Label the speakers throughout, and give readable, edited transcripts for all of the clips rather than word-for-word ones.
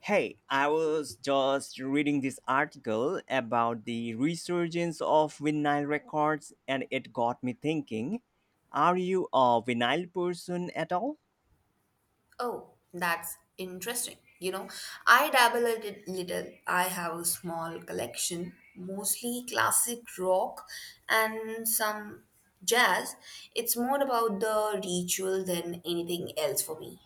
Speaker 1: Hey, I was just reading this article about the resurgence of vinyl records and it got me thinking. Are you a vinyl person at all?
Speaker 2: Oh, that's interesting. I dabble a little. I have a small collection, mostly classic rock and some jazz. It's more about the ritual than anything else for me.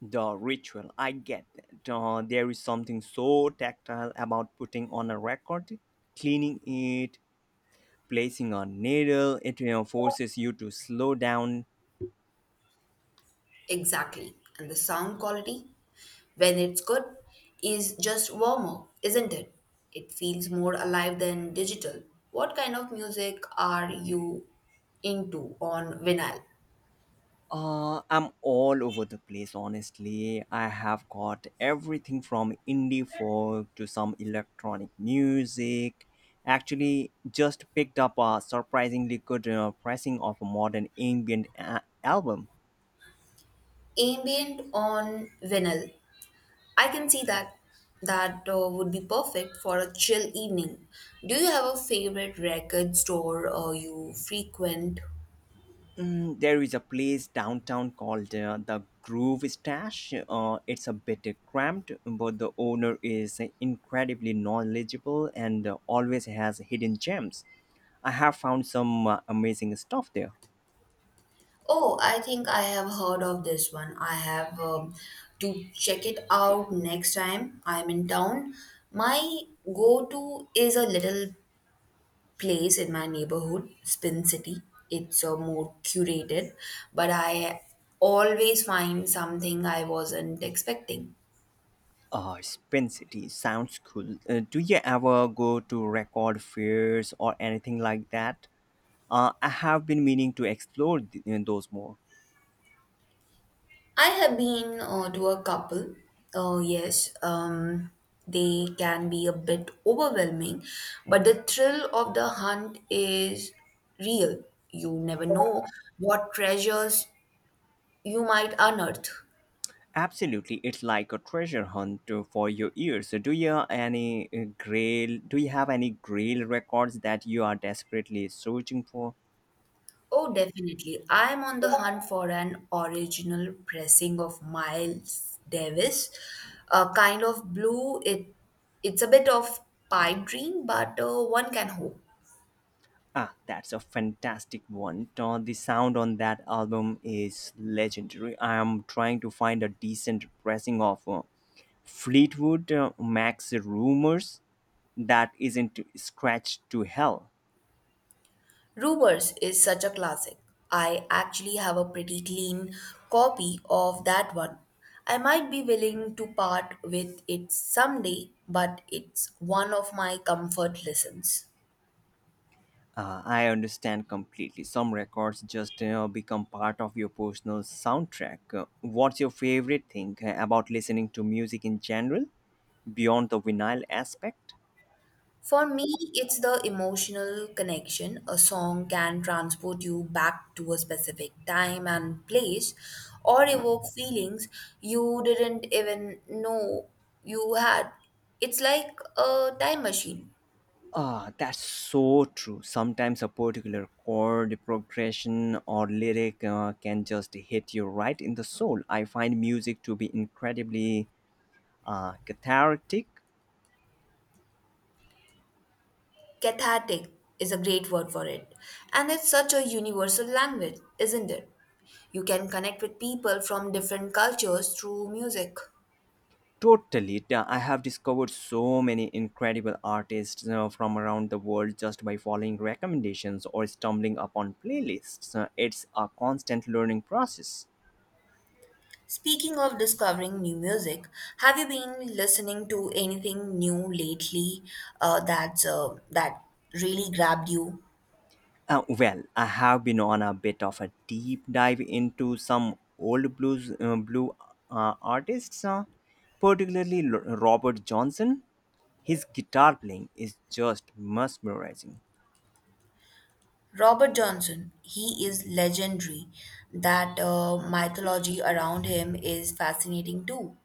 Speaker 1: The ritual, I get that. There is something so tactile about putting on a record, cleaning it, placing a needle. It forces you to slow down.
Speaker 2: Exactly. And the sound quality, when it's good, is just warmer, isn't it? It feels more alive than digital. What kind of music are you into on vinyl?
Speaker 1: I'm all over the place, honestly. I have got everything from indie folk to some electronic music. Actually, just picked up a surprisingly good pressing of a modern album.
Speaker 2: Ambient on vinyl, I can see that would be perfect for a chill evening. Do you have a favorite record store you frequent?
Speaker 1: Mm, there is a place downtown called the Groove Stash. It's a bit cramped, but the owner is incredibly knowledgeable and always has hidden gems. I have found some amazing stuff there.
Speaker 2: Oh, I think I have heard of this one. I have to check it out next time I'm in town. My go to is a little place in my neighborhood, Spin City. It's more curated, but I always find something I wasn't expecting.
Speaker 1: Spin City sounds cool. Do you ever go to record fairs or anything like that? I have been meaning to explore th- you those more.
Speaker 2: I have been to a couple. Oh, yes. They can be a bit overwhelming, but the thrill of the hunt is real. You never know what treasures you might unearth.
Speaker 1: Absolutely, it's like a treasure hunt for your ears. Do you have any grail records that you are desperately searching for?
Speaker 2: Oh, definitely. I'm on the hunt for an original pressing of Miles Davis, a Kind of Blue. It's a bit of pipe dream, but one can hope.
Speaker 1: Ah, that's a fantastic one. The sound on that album is legendary. I am trying to find a decent pressing of Fleetwood Mac's Rumors that isn't scratched to hell.
Speaker 2: Rumors is such a classic. I actually have a pretty clean copy of that one. I might be willing to part with it someday, but it's one of my comfort listens.
Speaker 1: I understand completely. Some records just become part of your personal soundtrack. What's your favorite thing about listening to music in general, beyond the vinyl aspect?
Speaker 2: For me, it's the emotional connection. A song can transport you back to a specific time and place or evoke feelings you didn't even know you had. It's like a time machine.
Speaker 1: Ah, that's so true. Sometimes a particular chord progression or lyric can just hit you right in the soul. I find music to be incredibly cathartic.
Speaker 2: Cathartic is a great word for it. And it's such a universal language, isn't it? You can connect with people from different cultures through music.
Speaker 1: Totally. I have discovered so many incredible artists from around the world just by following recommendations or stumbling upon playlists. It's a constant learning process.
Speaker 2: Speaking of discovering new music, have you been listening to anything new lately that really grabbed you?
Speaker 1: Well, I have been on a bit of a deep dive into some old blues blue artists, particularly Robert Johnson. His guitar playing is just mesmerizing.
Speaker 2: Robert Johnson, he is legendary. That mythology around him is fascinating too.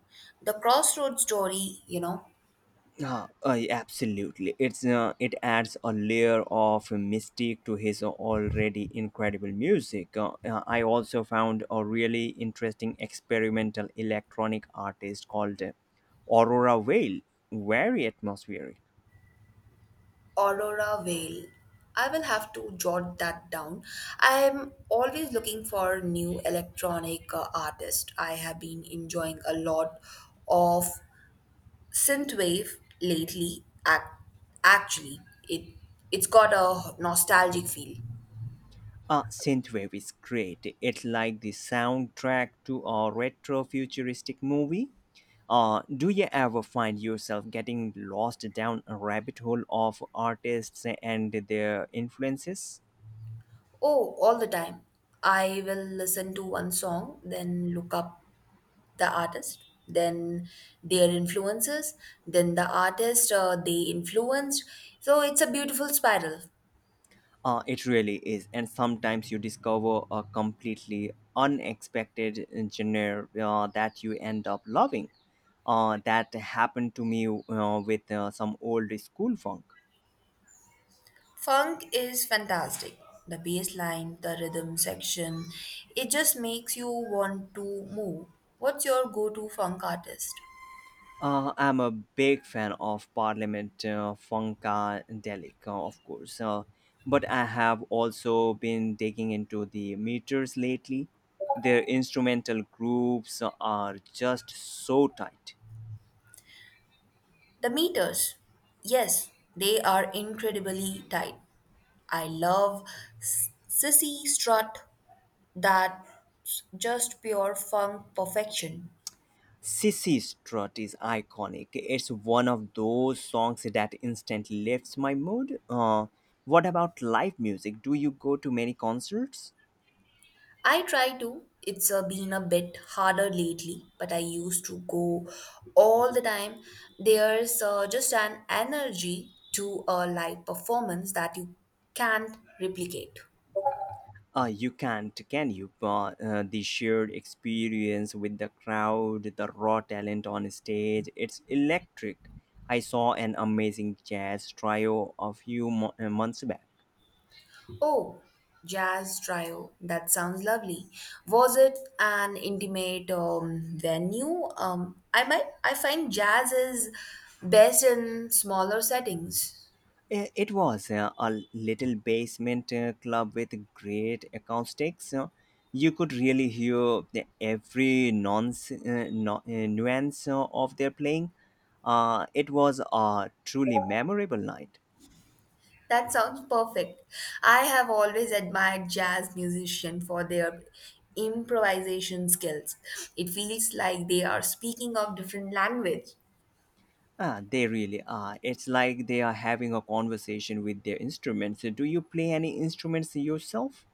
Speaker 2: The crossroads story, you know.
Speaker 1: Absolutely. It adds a layer of mystique to his already incredible music. I also found a really interesting experimental electronic artist called Aurora Vale, very atmospheric.
Speaker 2: Aurora Veil. I will have to jot that down. I am always looking for new electronic artists. I have been enjoying a lot of synthwave lately. Actually, it it's got a nostalgic feel.
Speaker 1: Synthwave is great. It's like the soundtrack to a retro futuristic movie. Do you ever find yourself getting lost down a rabbit hole of artists and their influences?
Speaker 2: Oh, all the time. I will listen to one song, then look up the artist, then their influences, then the artist they influenced. So it's a beautiful spiral.
Speaker 1: It really is. And sometimes you discover a completely unexpected genre that you end up loving. That happened to me with some old school funk.
Speaker 2: Funk is fantastic. The bass line, the rhythm section, it just makes you want to move. What's your go to funk artist?
Speaker 1: I'm a big fan of Parliament Funkadelic, of course. But I have also been digging into the Meters lately. Their instrumental grooves are just so tight.
Speaker 2: The Meters. Yes, they are incredibly tight. I love Sissy Strut. That's just pure funk perfection.
Speaker 1: Sissy Strut is iconic. It's one of those songs that instantly lifts my mood. What about live music? Do you go to many concerts?
Speaker 2: I try to. It's been a bit harder lately, but I used to go all the time. There's just an energy to a live performance that you can't replicate.
Speaker 1: You can't, can you? But the shared experience with the crowd, the raw talent on stage, it's electric. I saw an amazing jazz trio a few months back.
Speaker 2: Oh, jazz trio. That sounds lovely. Was it an intimate venue? I might. I find jazz is best in smaller settings.
Speaker 1: It was a little basement club with great acoustics. You could really hear the every nonce, no, nuance of their playing. It was a truly memorable night.
Speaker 2: That sounds perfect. I have always admired jazz musicians for their improvisation skills. It feels like they are speaking of different language.
Speaker 1: Ah, they really are. It's like they are having a conversation with their instruments. Do you play any instruments yourself?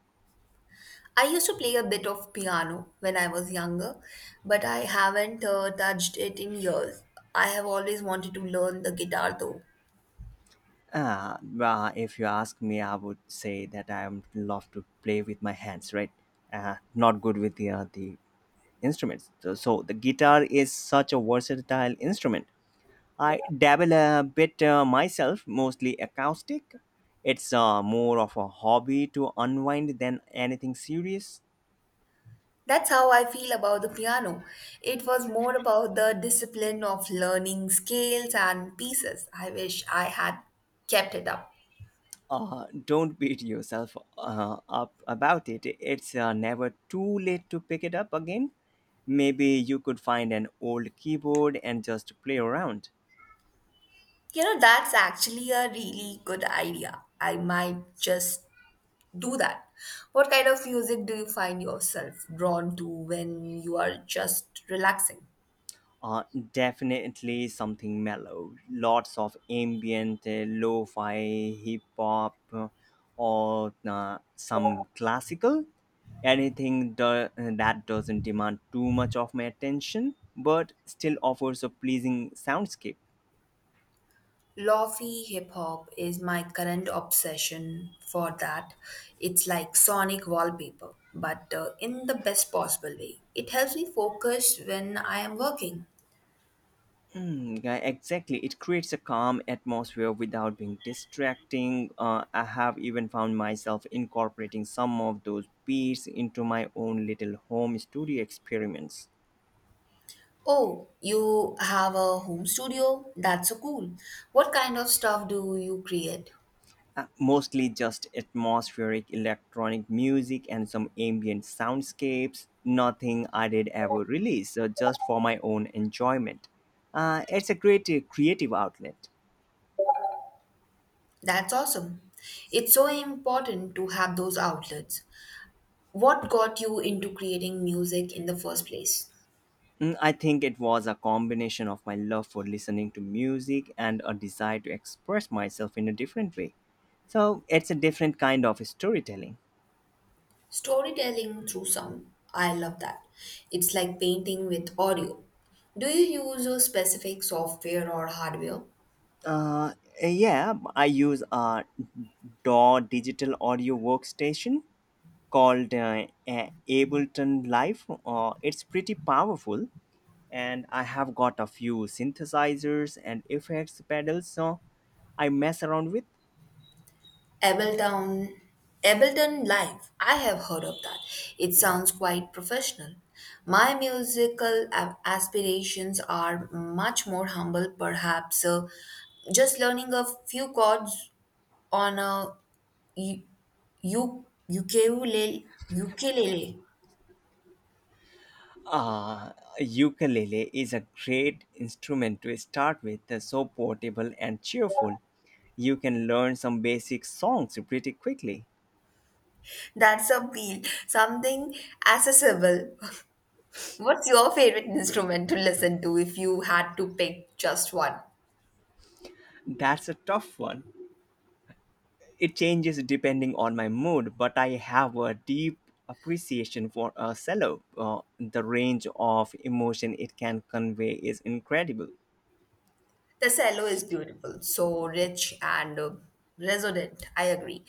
Speaker 2: I used to play a bit of piano when I was younger, but I haven't touched it in years. I have always wanted to learn the guitar though.
Speaker 1: Ah, well, if you ask me, I would say that I am love to play with my hands, right? Uh, not good with the instruments. So the guitar is such a versatile instrument. I dabble a bit myself, mostly acoustic. It's more of a hobby to unwind than anything serious.
Speaker 2: That's how I feel about the piano. It was more about the discipline of learning scales and pieces. I wish I had kept it up.
Speaker 1: Don't beat yourself up about it. It's never too late to pick it up again. Maybe you could find an old keyboard and just play around.
Speaker 2: You know, that's actually a really good idea. I might just do that. What kind of music do you find yourself drawn to when you are just relaxing?
Speaker 1: Uh, definitely something mellow. Lots of ambient, lo-fi, hip hop, or some classical. Anything that doesn't demand too much of my attention, but still offers a pleasing soundscape.
Speaker 2: Lofi hip hop is my current obsession for that. It's like sonic wallpaper, but in the best possible way. It helps me focus when I am working.
Speaker 1: Mm, yeah, exactly. It creates a calm atmosphere without being distracting. I have even found myself incorporating some of those beats into my own little home studio experiments.
Speaker 2: Oh, you have a home studio? That's so cool. What kind of stuff do you create?
Speaker 1: Mostly just atmospheric electronic music and some ambient soundscapes. Nothing I did ever release, so just for my own enjoyment. It's a great creative outlet.
Speaker 2: That's awesome. It's so important to have those outlets. What got you into creating music in the first place?
Speaker 1: Mm, I think it was a combination of my love for listening to music and a desire to express myself in a different way. So it's a different kind of storytelling.
Speaker 2: Storytelling through sound. I love that. It's like painting with audio. Do you use a specific software or hardware?
Speaker 1: Uh, yeah, I use a DAW, digital audio workstation, called Ableton Live. It's pretty powerful, and I have got a few synthesizers and effects pedals so I mess around with.
Speaker 2: Ableton Ableton Live. I have heard of that. It sounds quite professional. My musical aspirations are much more humble, perhaps just learning a few chords on a u- ukulele. Ukulele.
Speaker 1: Uh, ukulele is a great instrument to start with, so portable and cheerful. You can learn some basic songs pretty quickly.
Speaker 2: That's a appeal. Something accessible. What's your favorite instrument to listen to if you had to pick just one?
Speaker 1: That's a tough one. It changes depending on my mood, but I have a deep appreciation for a cello. The range of emotion it can convey is incredible.
Speaker 2: The cello is beautiful, so rich and resonant. I agree.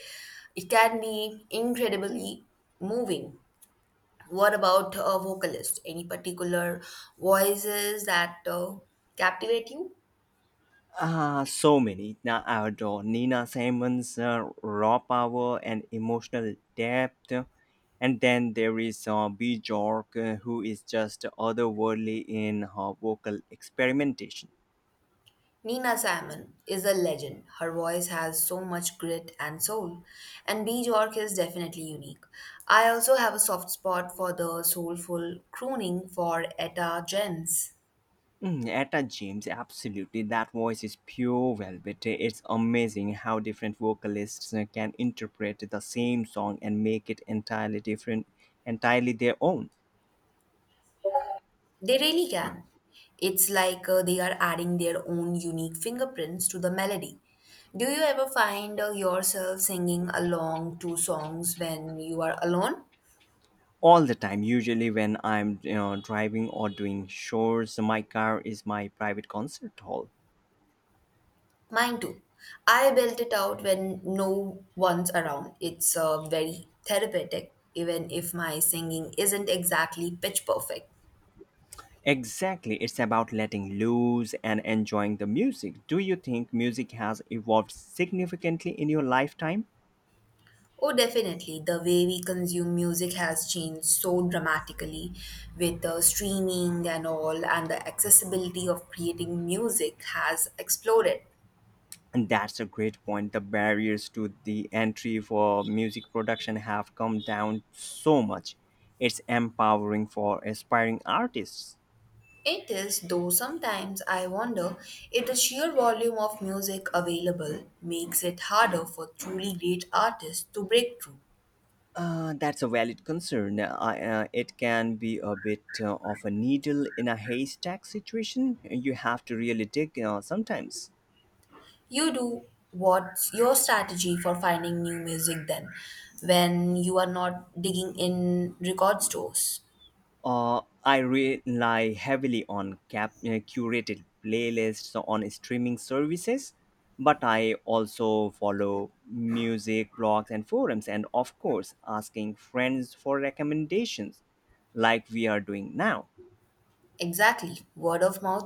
Speaker 2: It can be incredibly moving. What about a vocalist? Any particular voices that captivate you?
Speaker 1: Ah, so many. Now I adore Nina Simons, raw power and emotional depth. And then there is B. Who is just otherworldly in her vocal experimentation.
Speaker 2: Nina Simon is a legend. Her voice has so much grit and soul, and Bjork is definitely unique. I also have a soft spot for the soulful crooning for Etta James.
Speaker 1: Mm, Etta James, absolutely. That voice is pure velvet. It's amazing how different vocalists can interpret the same song and make it entirely different, entirely their own.
Speaker 2: They really can. It's like they are adding their own unique fingerprints to the melody. Do you ever find yourself singing along to songs when you are alone?
Speaker 1: All the time, usually when I'm driving or doing chores, my car is my private concert hall.
Speaker 2: Mine too. I belt it out when no one's around. It's very therapeutic, even if my singing isn't exactly pitch perfect.
Speaker 1: Exactly, it's about letting loose and enjoying the music. Do you think music has evolved significantly in your lifetime?
Speaker 2: Oh, definitely. The way we consume music has changed so dramatically with the streaming and all, and the accessibility of creating music has exploded.
Speaker 1: And that's a great point. The barriers to the entry for music production have come down so much. It's empowering for aspiring artists.
Speaker 2: It is, though sometimes I wonder if the sheer volume of music available makes it harder for truly great artists to break through.
Speaker 1: That's a valid concern. It can be a bit of a needle in a haystack situation. You have to really dig sometimes.
Speaker 2: You do. What's your strategy for finding new music then, when you are not digging in record stores?
Speaker 1: I rely heavily on curated playlists on streaming services, but I also follow music blogs and forums, and of course, asking friends for recommendations like we are doing now.
Speaker 2: Exactly. Word of mouth.